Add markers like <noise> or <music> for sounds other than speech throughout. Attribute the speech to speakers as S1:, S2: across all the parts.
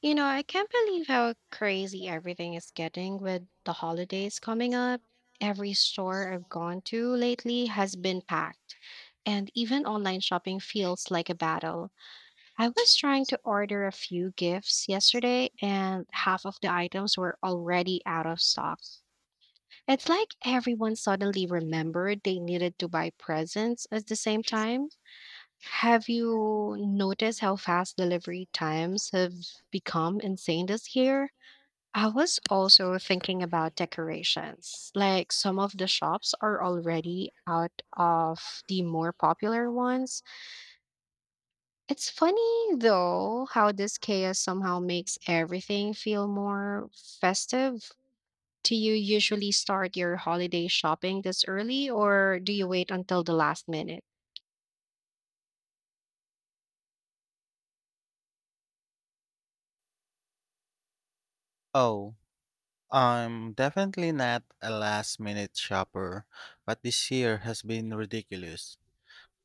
S1: You know, I can't believe how crazy everything is getting with the holidays coming up. Every store I've gone to lately has been packed, and even online shopping feels like a battle. I was trying to order a few gifts yesterday, and half of the items were already out of stock. It's like everyone suddenly remembered they needed to buy presents at the same time. Have you noticed how fast delivery times have become insane this year? I was also thinking about decorations. Like some of the shops are already out of the more popular ones. It's funny though how this chaos somehow makes everything feel more festive. Do you usually start your holiday shopping this early or do you wait until the last minute?
S2: Oh, I'm definitely not a last minute shopper, but this year has been ridiculous.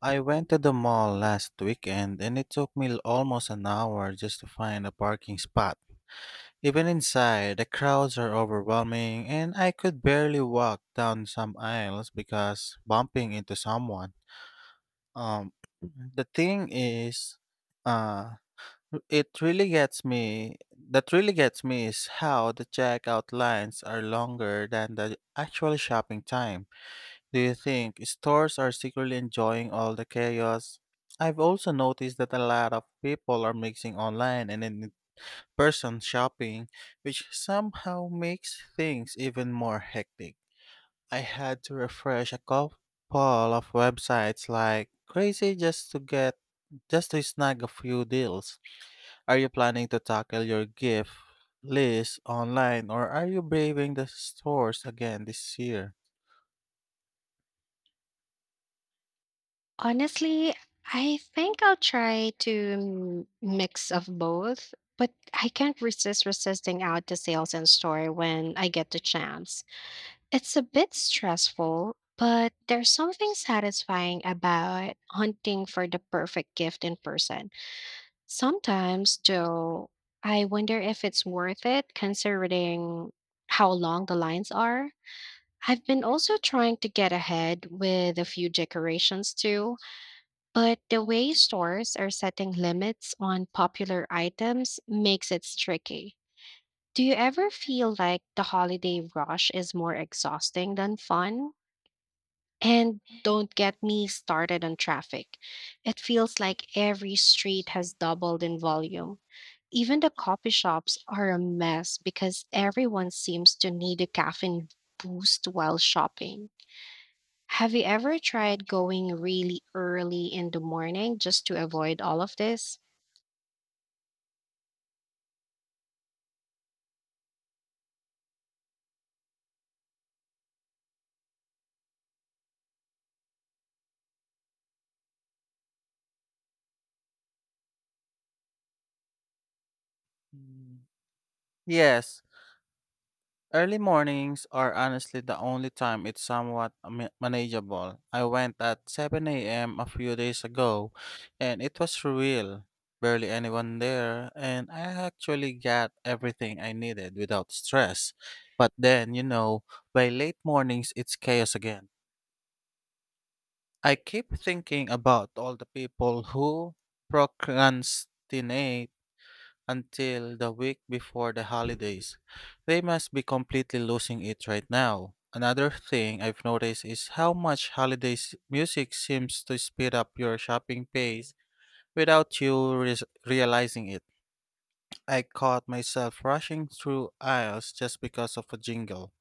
S2: I went to the mall last weekend and it took me almost an hour just to find a parking spot. Even inside, the crowds are overwhelming and I could barely walk down some aisles because bumping into someone. Um <clears throat> the thing is uh it really gets me that really gets me is how the checkout lines are longer than the actual shopping time. Do you think stores are secretly enjoying all the chaos? I've also noticed that a lot of people are mixing online and in person shopping, which somehow makes things even more hectic. I had to refresh a couple of websites like crazy just to snag a few deals. Are you planning to tackle your gift list online or are you braving the stores again this year?
S1: Honestly, I think I'll try to mix of both, but I can't resist resisting out the sales and store when I get the chance. It's a bit stressful, but there's something satisfying about hunting for the perfect gift in person. Sometimes, though, I wonder if it's worth it considering how long the lines are. I've been also trying to get ahead with a few decorations too, but the way stores are setting limits on popular items makes it tricky. Do you ever feel like the holiday rush is more exhausting than fun? And don't get me started on traffic. It feels like every street has doubled in volume. Even the coffee shops are a mess because everyone seems to need a caffeine boost while shopping. Have you ever tried going really early in the morning just to avoid all of this?
S2: Mm. Yes, early mornings are honestly the only time it's somewhat manageable. I went at 7 a.m. a few days ago and it was surreal. Barely anyone there, and I actually got everything I needed without stress. But then, by late mornings, it's chaos again. I keep thinking about all the people who procrastinate until the week before the holidays. They must be completely losing it right now. Another thing I've noticed is how much holidays music seems to speed up your shopping pace without you realizing it. I caught myself rushing through aisles just because of a jingle.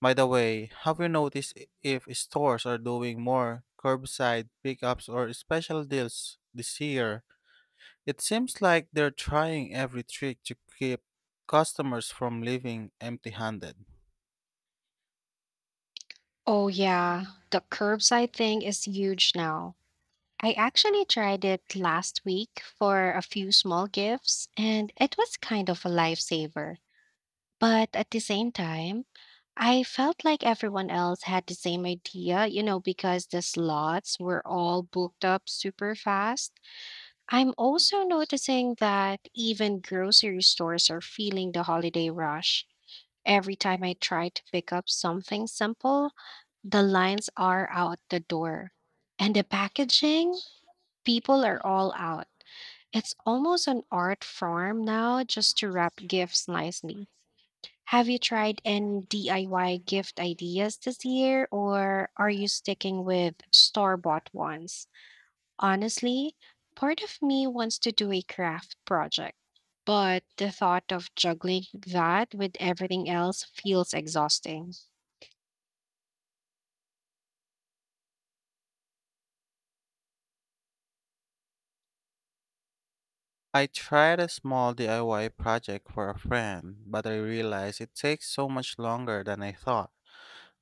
S2: By the way, have you noticed if stores are doing more curbside pickups or special deals this year? It seems like they're trying every trick to keep customers from leaving empty handed.
S1: Oh, yeah, the curbside thing is huge now. I actually tried it last week for a few small gifts, and it was kind of a lifesaver. But at the same time, I felt like everyone else had the same idea, you know, because the slots were all booked up super fast. I'm also noticing that even grocery stores are feeling the holiday rush. Every time I try to pick up something simple, the lines are out the door. And the packaging, people are all out. It's almost an art form now just to wrap gifts nicely. Have you tried any DIY gift ideas this year, or are you sticking with store bought ones? Honestly, part of me wants to do a craft project, but the thought of juggling that with everything else feels exhausting.
S2: I tried a small DIY project for a friend, but I realized it takes so much longer than I thought,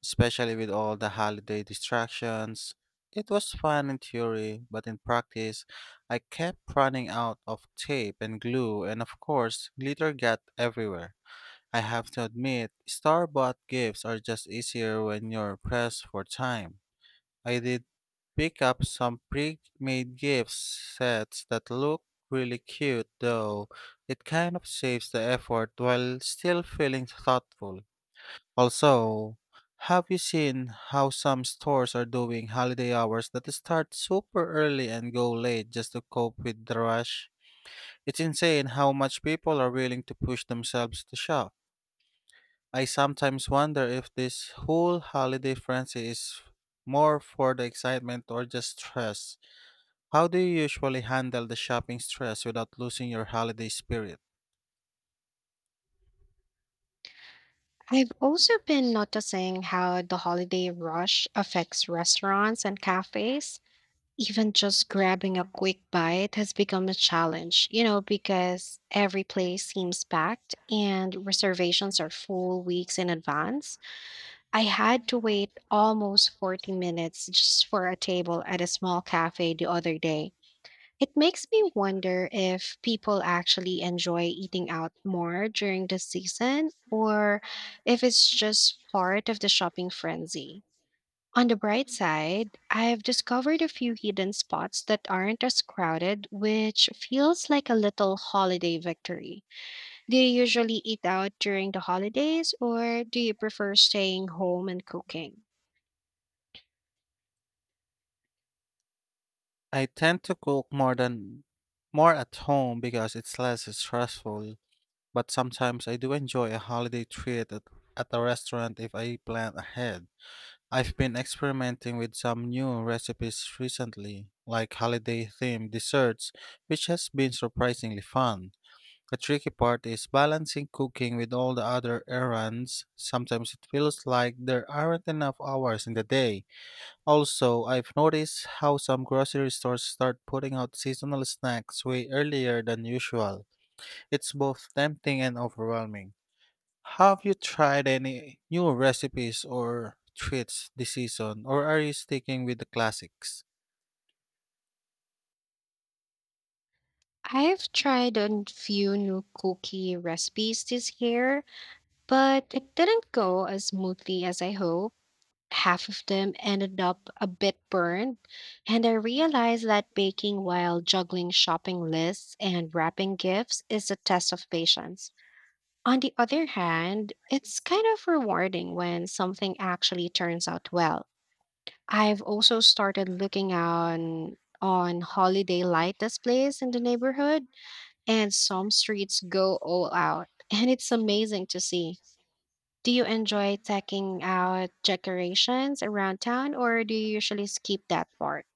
S2: especially with all the holiday distractions. It was fun in theory, but in practice, I kept running out of tape and glue, and of course, glitter got everywhere. I have to admit, store bought gifts are just easier when you're pressed for time. I did pick up some pre-made gift sets that look really cute though. It kind of saves the effort while still feeling thoughtful. Also, have you seen how some stores are doing holiday hours that start super early and go late just to cope with the rush? It's insane how much people are willing to push themselves to shop. I sometimes wonder if this whole holiday frenzy is more for the excitement or just stress. How do you usually handle the shopping stress without losing your holiday spirit?
S1: I've also been noticing how the holiday rush affects restaurants and cafes. Even just grabbing a quick bite has become a challenge, you know, because every place seems packed and reservations are full weeks in advance. I had to wait almost 40 minutes just for a table at a small cafe the other day. It makes me wonder if people actually enjoy eating out more during the season or if it's just part of the shopping frenzy. On the bright side, I've discovered a few hidden spots that aren't as crowded, which feels like a little holiday victory. Do you usually eat out during the holidays, or do you prefer staying home and cooking?
S2: I tend to cook more at home because it's less stressful, but sometimes I do enjoy a holiday treat at a restaurant if I plan ahead. I've been experimenting with some new recipes recently, like holiday themed desserts, which has been surprisingly fun. The tricky part is balancing cooking with all the other errands. Sometimes it feels like there aren't enough hours in the day. Also, I've noticed how some grocery stores start putting out seasonal snacks way earlier than usual. It's both tempting and overwhelming. Have you tried any new recipes or treats this season, or are you sticking with the classics?
S1: I've tried a few new cookie recipes this year, but it didn't go as smoothly as I hoped. Half of them ended up a bit burned, and I realized that baking while juggling shopping lists and wrapping gifts is a test of patience. On the other hand, it's kind of rewarding when something actually turns out well. I've also started looking on holiday light displays in the neighborhood, and some streets go all out, and it's amazing to see. Do you enjoy taking out decorations around town, or do you usually skip that part?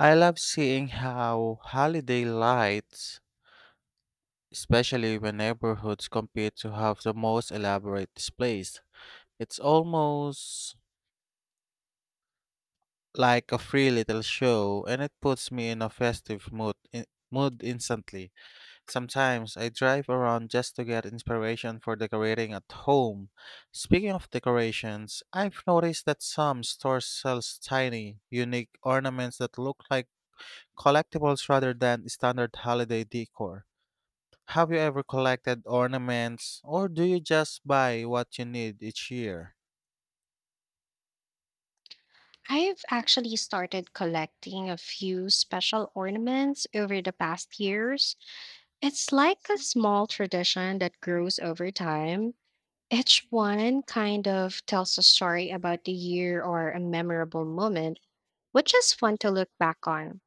S2: I love seeing how holiday lights especially when neighborhoods compete to have the most elaborate displays. It's almost like a free little show, and it puts me in a festive mood instantly. Sometimes I drive around just to get inspiration for decorating at home. Speaking of decorations, I've noticed that some stores sell tiny, unique ornaments that look like collectibles rather than standard holiday decor. Have you ever collected ornaments, or do you just buy what you need each year?
S1: I've actually started collecting a few special ornaments over the past years. It's like a small tradition that grows over time. Each one kind of tells a story about the year or a memorable moment, which is fun to look back on.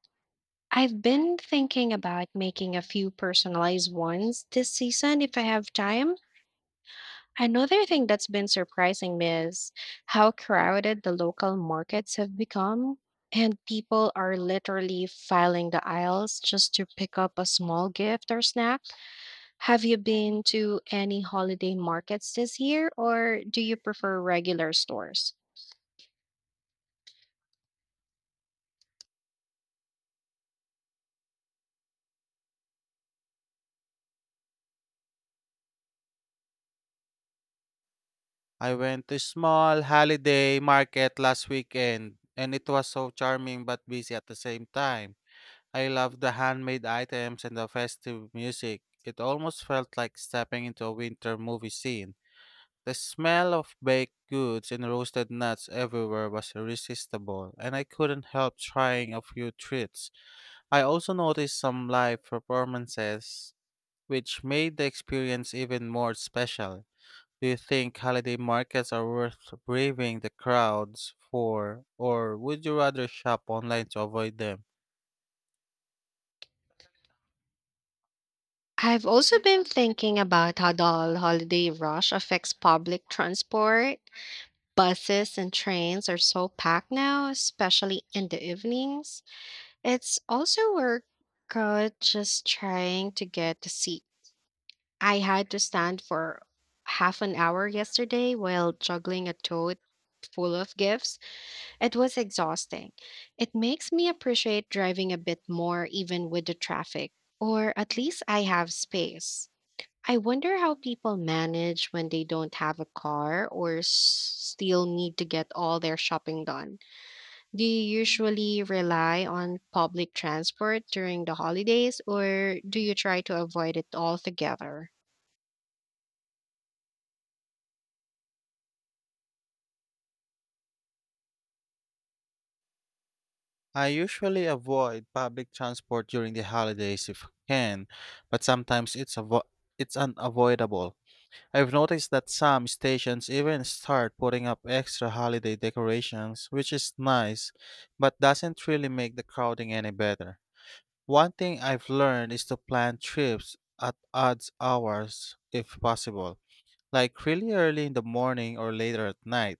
S1: I've been thinking about making a few personalized ones this season if I have time. Another thing that's been surprising me is how crowded the local markets have become, and people are literally filing the aisles just to pick up a small gift or snack. Have you been to any holiday markets this year, or do you prefer regular stores?
S2: I went to a small holiday market last weekend, and it was so charming but busy at the same time. I loved the handmade items and the festive music. It almost felt like stepping into a winter movie scene. The smell of baked goods and roasted nuts everywhere was irresistible, and I couldn't help trying a few treats. I also noticed some live performances which made the experience even more special. Do you think holiday markets are worth braving the crowds for, or would you rather shop online to avoid them?
S1: I've also been thinking about how the holiday rush affects public transport. Buses and trains are so packed now, especially in the evenings. It's also workout just trying to get a seat. I had to stand for half an hour yesterday while juggling a tote full of gifts. It was exhausting. It makes me appreciate driving a bit more, even with the traffic, or at least I have space. I wonder how people manage when they don't have a car or still need to get all their shopping done. Do you usually rely on public transport during the holidays or do you try to avoid it altogether?
S2: I usually avoid public transport during the holidays if can, but it's unavoidable. I've noticed that some stations even start putting up extra holiday decorations, which is nice, but doesn't really make the crowding any better. One thing I've learned is to plan trips at odd hours if possible, like really early in the morning or later at night.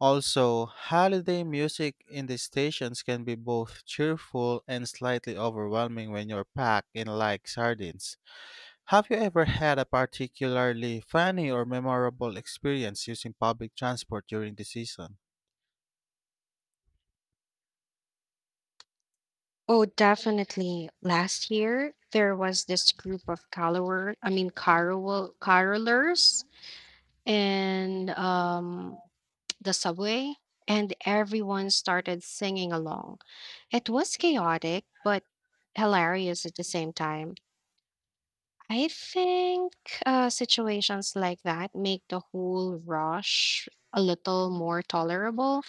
S2: Also, holiday music in the stations can be both cheerful and slightly overwhelming when you're packed in like sardines. Have you ever had a particularly funny or memorable experience using public transport during the season?
S1: Oh, definitely. Last year, there was this group of carolers and <tsk> the subway, and everyone started singing along. It was chaotic, but hilarious at the same time. I think situations like that make the whole rush a little more tolerable.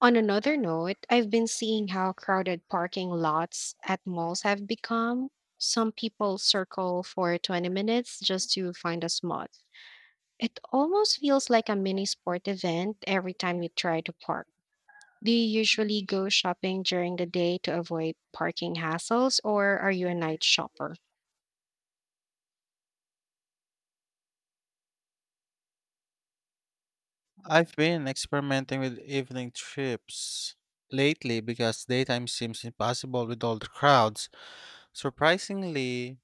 S1: On another note, I've been seeing how crowded parking lots at malls have become. Some people circle for 20 minutes just to find a spot. It almost feels like a mini sport event every time you try to park. Do you usually go shopping during the day to avoid parking hassles, or are you a night shopper?
S2: I've been experimenting with evening trips lately because daytime seems impossible with all the crowds. Surprisingly,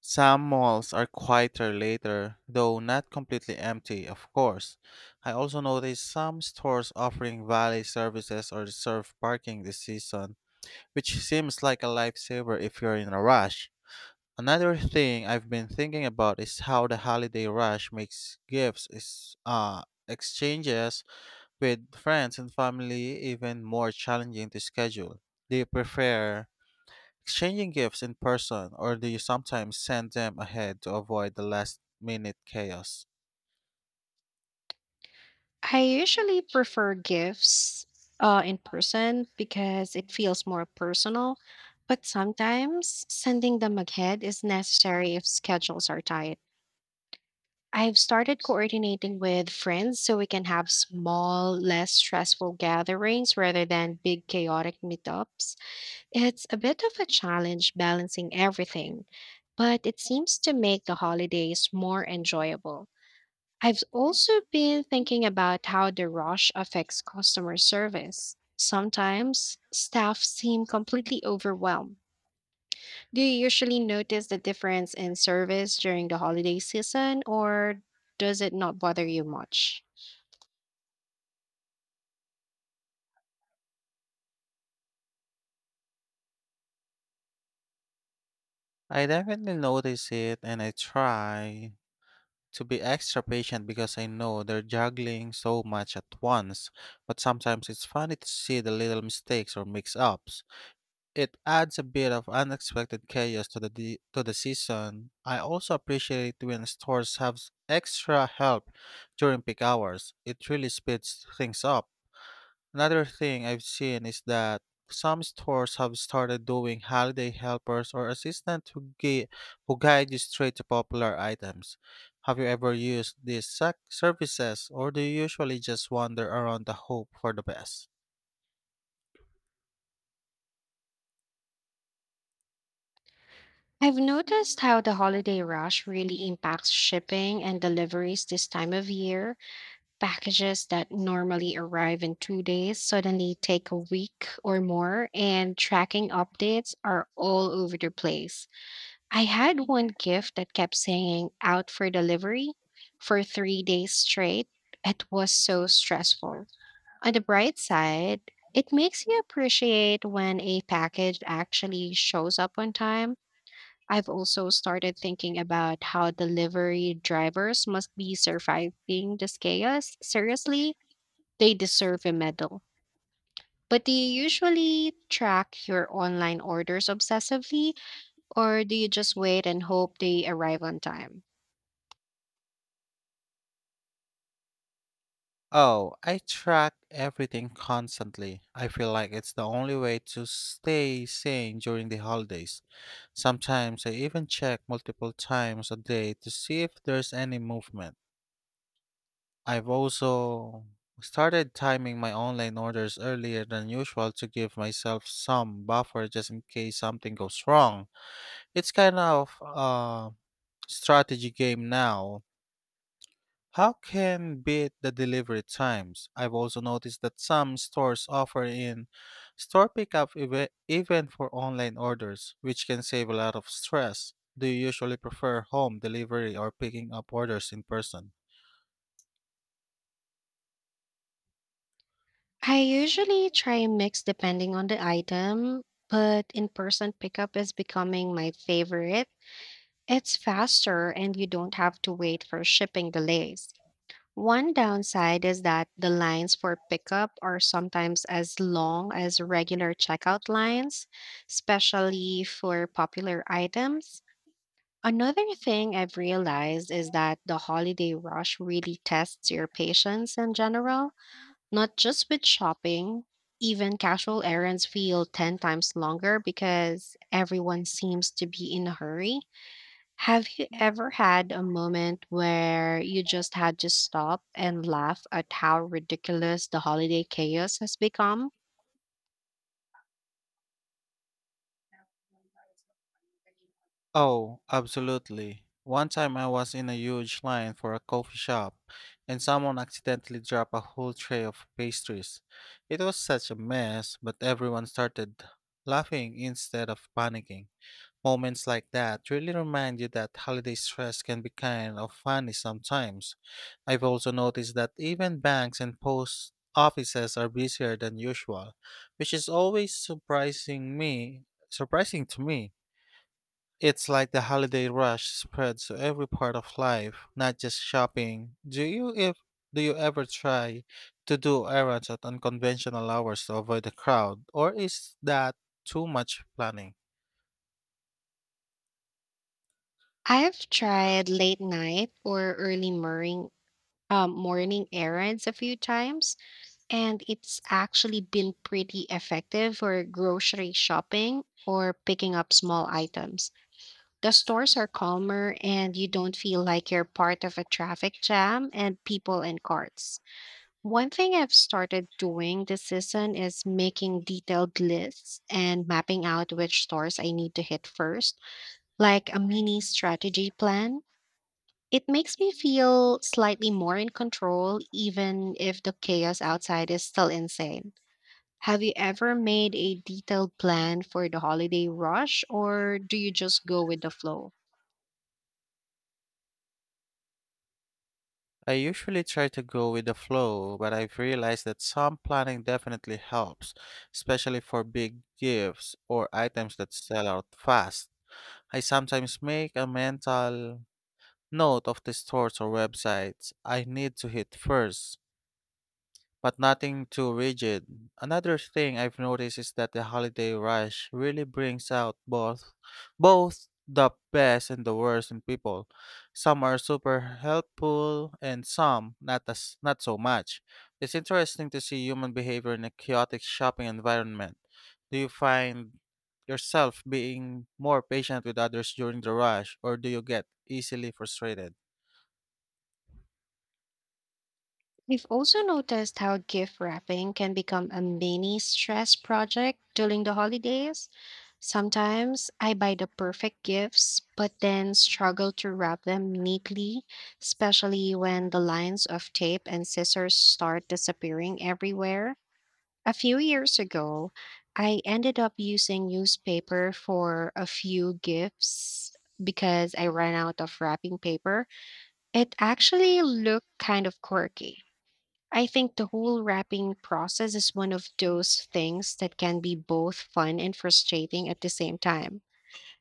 S2: some malls are quieter later, though not completely empty, of course. I also noticed some stores offering valet services or reserve parking this season, which seems like a lifesaver if you're in a rush. Another thing I've been thinking about is how the holiday rush makes gifts is exchanges with friends and family, even more challenging to schedule. Do you prefer exchanging gifts in person or do you sometimes send them ahead to avoid the last minute chaos?
S1: I usually prefer gifts in person because it feels more personal, but sometimes sending them ahead is necessary if schedules are tight. I've started coordinating with friends so we can have small, less stressful gatherings rather than big, chaotic meetups. It's a bit of a challenge balancing everything, but it seems to make the holidays more enjoyable. I've also been thinking about how the rush affects customer service. Sometimes staff seem completely overwhelmed. Do you usually notice the difference in service during the holiday season, or does it not bother you much?
S2: I definitely notice it and I try to be extra patient because I know they're juggling so much at once, but sometimes it's funny to see the little mistakes or mix ups. It adds a bit of unexpected chaos to to the season. I also appreciate when stores have extra help during peak hours. It really speeds things up. Another thing I've seen is that some stores have started doing holiday helpers or assistants who guide you straight to popular items. Have you ever used these services, or do you usually just wander around the hope for the best?
S1: I've noticed how the holiday rush really impacts shipping and deliveries this time of year. Packages that normally arrive in 2 days suddenly take a week or more, and tracking updates are all over the place. I had one gift that kept saying out for delivery for 3 days straight. It was so stressful. On the bright side, it makes you appreciate when a package actually shows up on time. I've also started thinking about how delivery drivers must be surviving this chaos. Seriously, they deserve a medal. But do you usually track your online orders obsessively, or do you just wait and hope they arrive on time?
S2: Oh, I track everything constantly. I feel like it's the only way to stay sane during the holidays. Sometimes I even check multiple times a day to see if there's any movement. I've also started timing my online orders earlier than usual to give myself some buffer just in case something goes wrong. It's kind of a strategy game now. How can beat the delivery times? I've also noticed that some stores offer in store pickup even for online orders, which can save a lot of stress. Do you usually prefer home delivery or picking up orders in person?
S1: I usually try a mix depending on the item, but in person pickup is becoming my favorite. It's faster and you don't have to wait for shipping delays. One downside is that the lines for pickup are sometimes as long as regular checkout lines, especially for popular items. Another thing I've realized is that the holiday rush really tests your patience in general, not just with shopping. Even casual errands feel 10 times longer because everyone seems to be in a hurry. Have you ever had a moment where you just had to stop and laugh at how ridiculous the holiday chaos has become?
S2: Oh, absolutely. One time I was in a huge line for a coffee shop and someone accidentally dropped a whole tray of pastries. It was such a mess, but everyone started laughing instead of panicking. Moments like that really remind you that holiday stress can be kind of funny sometimes. I've also noticed that even banks and post offices are busier than usual, which is surprising to me. It's like the holiday rush spreads to every part of life, not just shopping. Do you if do you ever try to do errands at unconventional hours to avoid the crowd, or is that too much planning?
S1: I've tried late night or early morning, morning errands a few times. And it's actually been pretty effective for grocery shopping or picking up small items. The stores are calmer and you don't feel like you're part of a traffic jam and people and carts. One thing I've started doing this season is making detailed lists and mapping out which stores I need to hit first, like a mini strategy plan. It makes me feel slightly more in control, even if the chaos outside is still insane. Have you ever made a detailed plan for the holiday rush, or do you just go with the flow?
S2: I usually try to go with the flow, but I've realized that some planning definitely helps, especially for big gifts or items that sell out fast. I sometimes make a mental note of the stores or websites I need to hit first but nothing too rigid. Another thing I've noticed is that the holiday rush really brings out both the best and the worst in people. Some are super helpful and some not so much. It's interesting to see human behavior in a chaotic shopping environment. Do you find yourself being more patient with others during the rush or do you get easily frustrated?
S1: I've also noticed how gift wrapping can become a mini stress project during the holidays. Sometimes I buy the perfect gifts, but then struggle to wrap them neatly, especially when the lines of tape and scissors start disappearing everywhere. A few years ago, I ended up using newspaper for a few gifts because I ran out of wrapping paper. It actually looked kind of quirky. I think the whole wrapping process is one of those things that can be both fun and frustrating at the same time.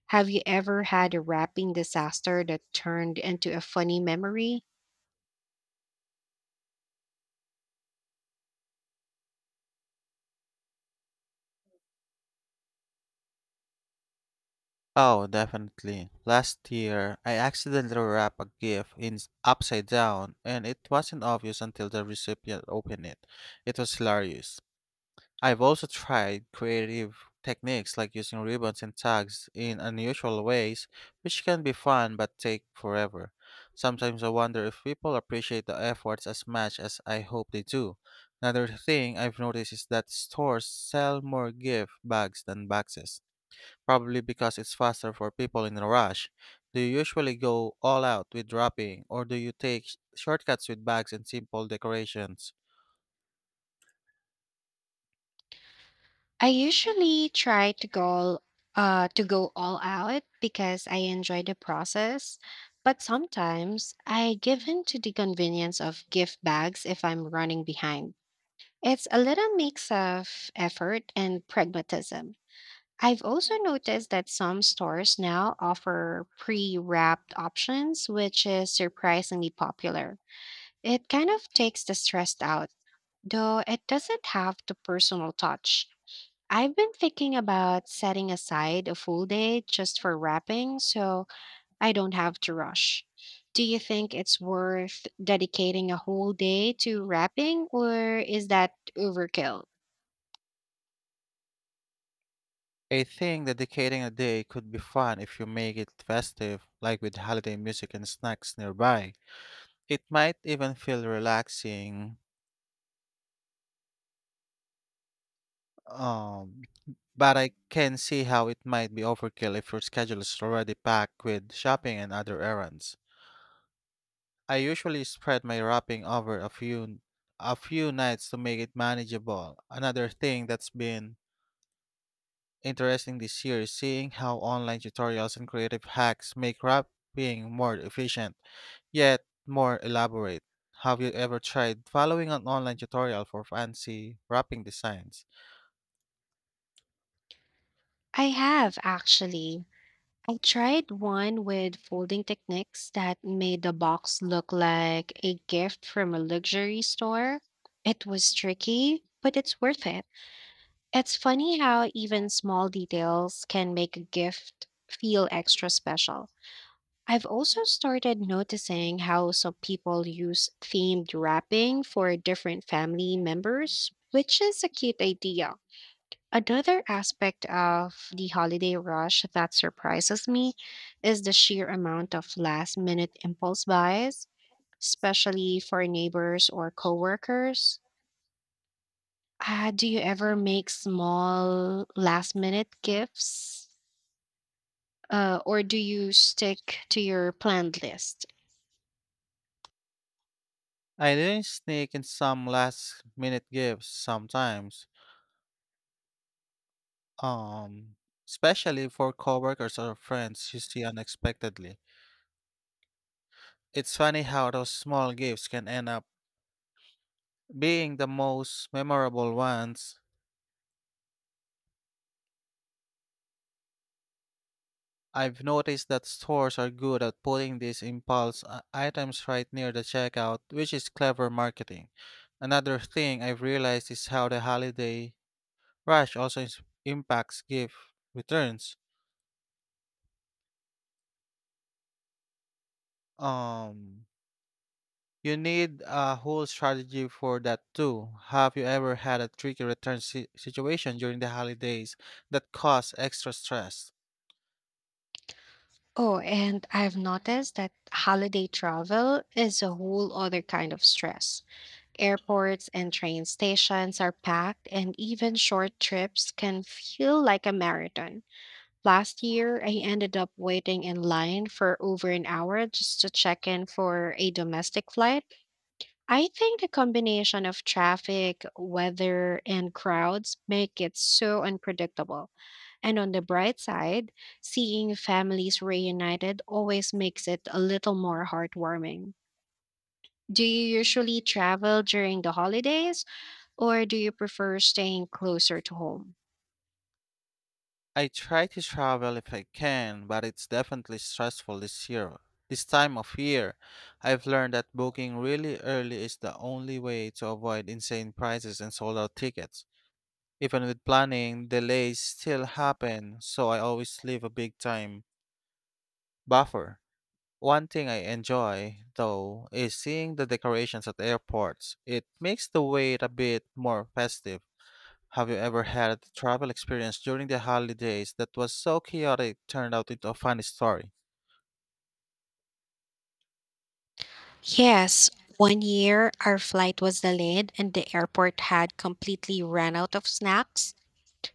S1: Have you ever had a wrapping disaster that turned into a funny memory?
S2: Oh, definitely. Last year, I accidentally wrapped a gift upside down, and it wasn't obvious until the recipient opened it. It was hilarious. I've also tried creative techniques like using ribbons and tags in unusual ways, which can be fun but take forever. Sometimes I wonder if people appreciate the efforts as much as I hope they do. Another thing I've noticed is that stores sell more gift bags than boxes. Probably because it's faster for people in a rush. Do you usually go all out with wrapping, or do you take shortcuts with bags and simple decorations?
S1: I usually try to go all out because I enjoy the process, but sometimes I give in to the convenience of gift bags if I'm running behind. It's a little mix of effort and pragmatism. I've also noticed that some stores now offer pre-wrapped options, which is surprisingly popular. It kind of takes the stress out, though it doesn't have the personal touch. I've been thinking about setting aside a full day just for wrapping so I don't have to rush. Do you think it's worth dedicating a whole day to wrapping or is that overkill?
S2: I think dedicating a day could be fun if you make it festive, like with holiday music and snacks nearby. It might even feel relaxing, um, but I can see how it might be overkill if your schedule is already packed with shopping and other errands. I usually spread my wrapping over a few nights to make it manageable. Another thing that's been interesting this year is seeing how online tutorials and creative hacks make wrapping more efficient, yet more elaborate. Have you ever tried following an online tutorial for fancy wrapping designs?
S1: I have actually. I tried one with folding techniques that made the box look like a gift from a luxury store. It was tricky, but it's worth it. It's funny how even small details can make a gift feel extra special. I've also started noticing how some people use themed wrapping for different family members, which is a cute idea. Another aspect of the holiday rush that surprises me is the sheer amount of last minute impulse buys, especially for neighbors or coworkers. Do you ever make small last minute gifts? Or do you stick to your planned list?
S2: I didn't sneak in some last minute gifts sometimes, um, especially for coworkers or friends you see unexpectedly. It's funny how those small gifts can end up being the most memorable ones. I've noticed that stores are good at putting these impulse items right near the checkout, which is clever marketing. Another thing I've realized is how the holiday rush impacts gift returns. Um, you need a whole strategy for that too. Have you ever had a tricky return situation during the holidays that caused extra stress?
S1: Oh, and I've noticed that holiday travel is a whole other kind of stress. Airports and train stations are packed, and even short trips can feel like a marathon. Last year, I ended up waiting in line for over an hour just to check in for a domestic flight. I think the combination of traffic, weather, and crowds make it so unpredictable. And on the bright side, seeing families reunited always makes it a little more heartwarming. Do you usually travel during the holidays or do you prefer staying closer to home?
S2: I try to travel if I can, but it's definitely stressful this year. This time of year, I've learned that booking really early is the only way to avoid insane prices and sold out tickets. Even with planning, delays still happen, so I always leave a big time buffer. One thing I enjoy, though, is seeing the decorations at airports. It makes the wait a bit more festive. Have you ever had a travel experience during the holidays that was so chaotic it turned out into a funny story?
S1: Yes, one year our flight was delayed and the airport had completely run out of snacks.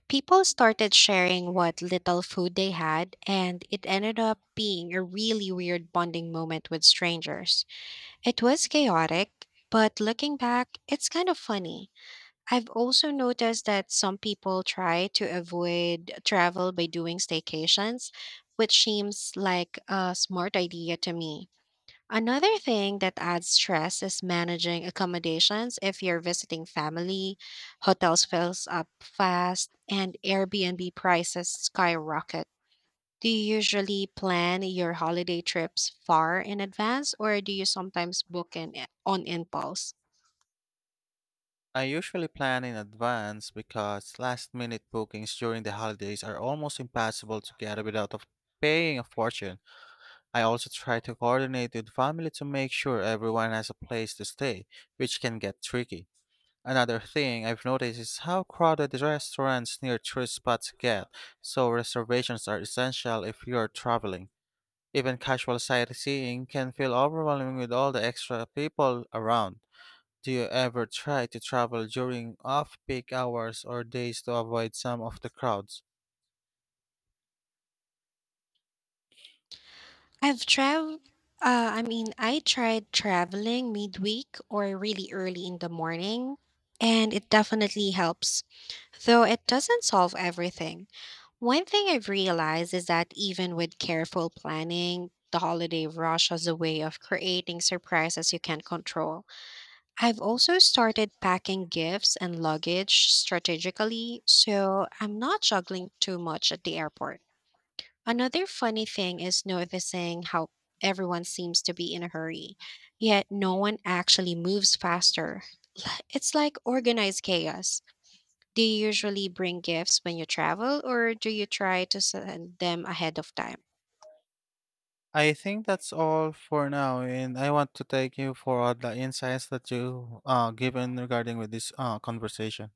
S1: People started sharing what little food they had, and it ended up being a really weird bonding moment with strangers. It was chaotic, but looking back, it's kind of funny. I've also noticed that some people try to avoid travel by doing staycations, which seems like a smart idea to me. Another thing that adds stress is managing accommodations. If you're visiting family, hotels fills up fast and Airbnb prices skyrocket. Do you usually plan your holiday trips far in advance or do you sometimes book in on impulse?
S2: I usually plan in advance because last minute bookings during the holidays are almost impossible to get without of paying a fortune. I also try to coordinate with family to make sure everyone has a place to stay, which can get tricky. Another thing I've noticed is how crowded the restaurants near tourist spots get, so reservations are essential if you're traveling. Even casual sightseeing can feel overwhelming with all the extra people around. Do you ever try to travel during off peak hours or days to avoid some of the crowds?
S1: I've traveled I mean, I tried traveling midweek or really early in the morning, and it definitely helps, though it doesn't solve everything. One thing I've realized is that even with careful planning, the holiday rush has a way of creating surprises you can't control. I've also started packing gifts and luggage strategically, so I'm not juggling too much at the airport. Another funny thing is noticing how everyone seems to be in a hurry, yet no one actually moves faster. It's like organized chaos. Do you usually bring gifts when you travel, or do you try to send them ahead of time?
S2: I think that's all for now, and I want to thank you for all the insights that you given regarding with this conversation.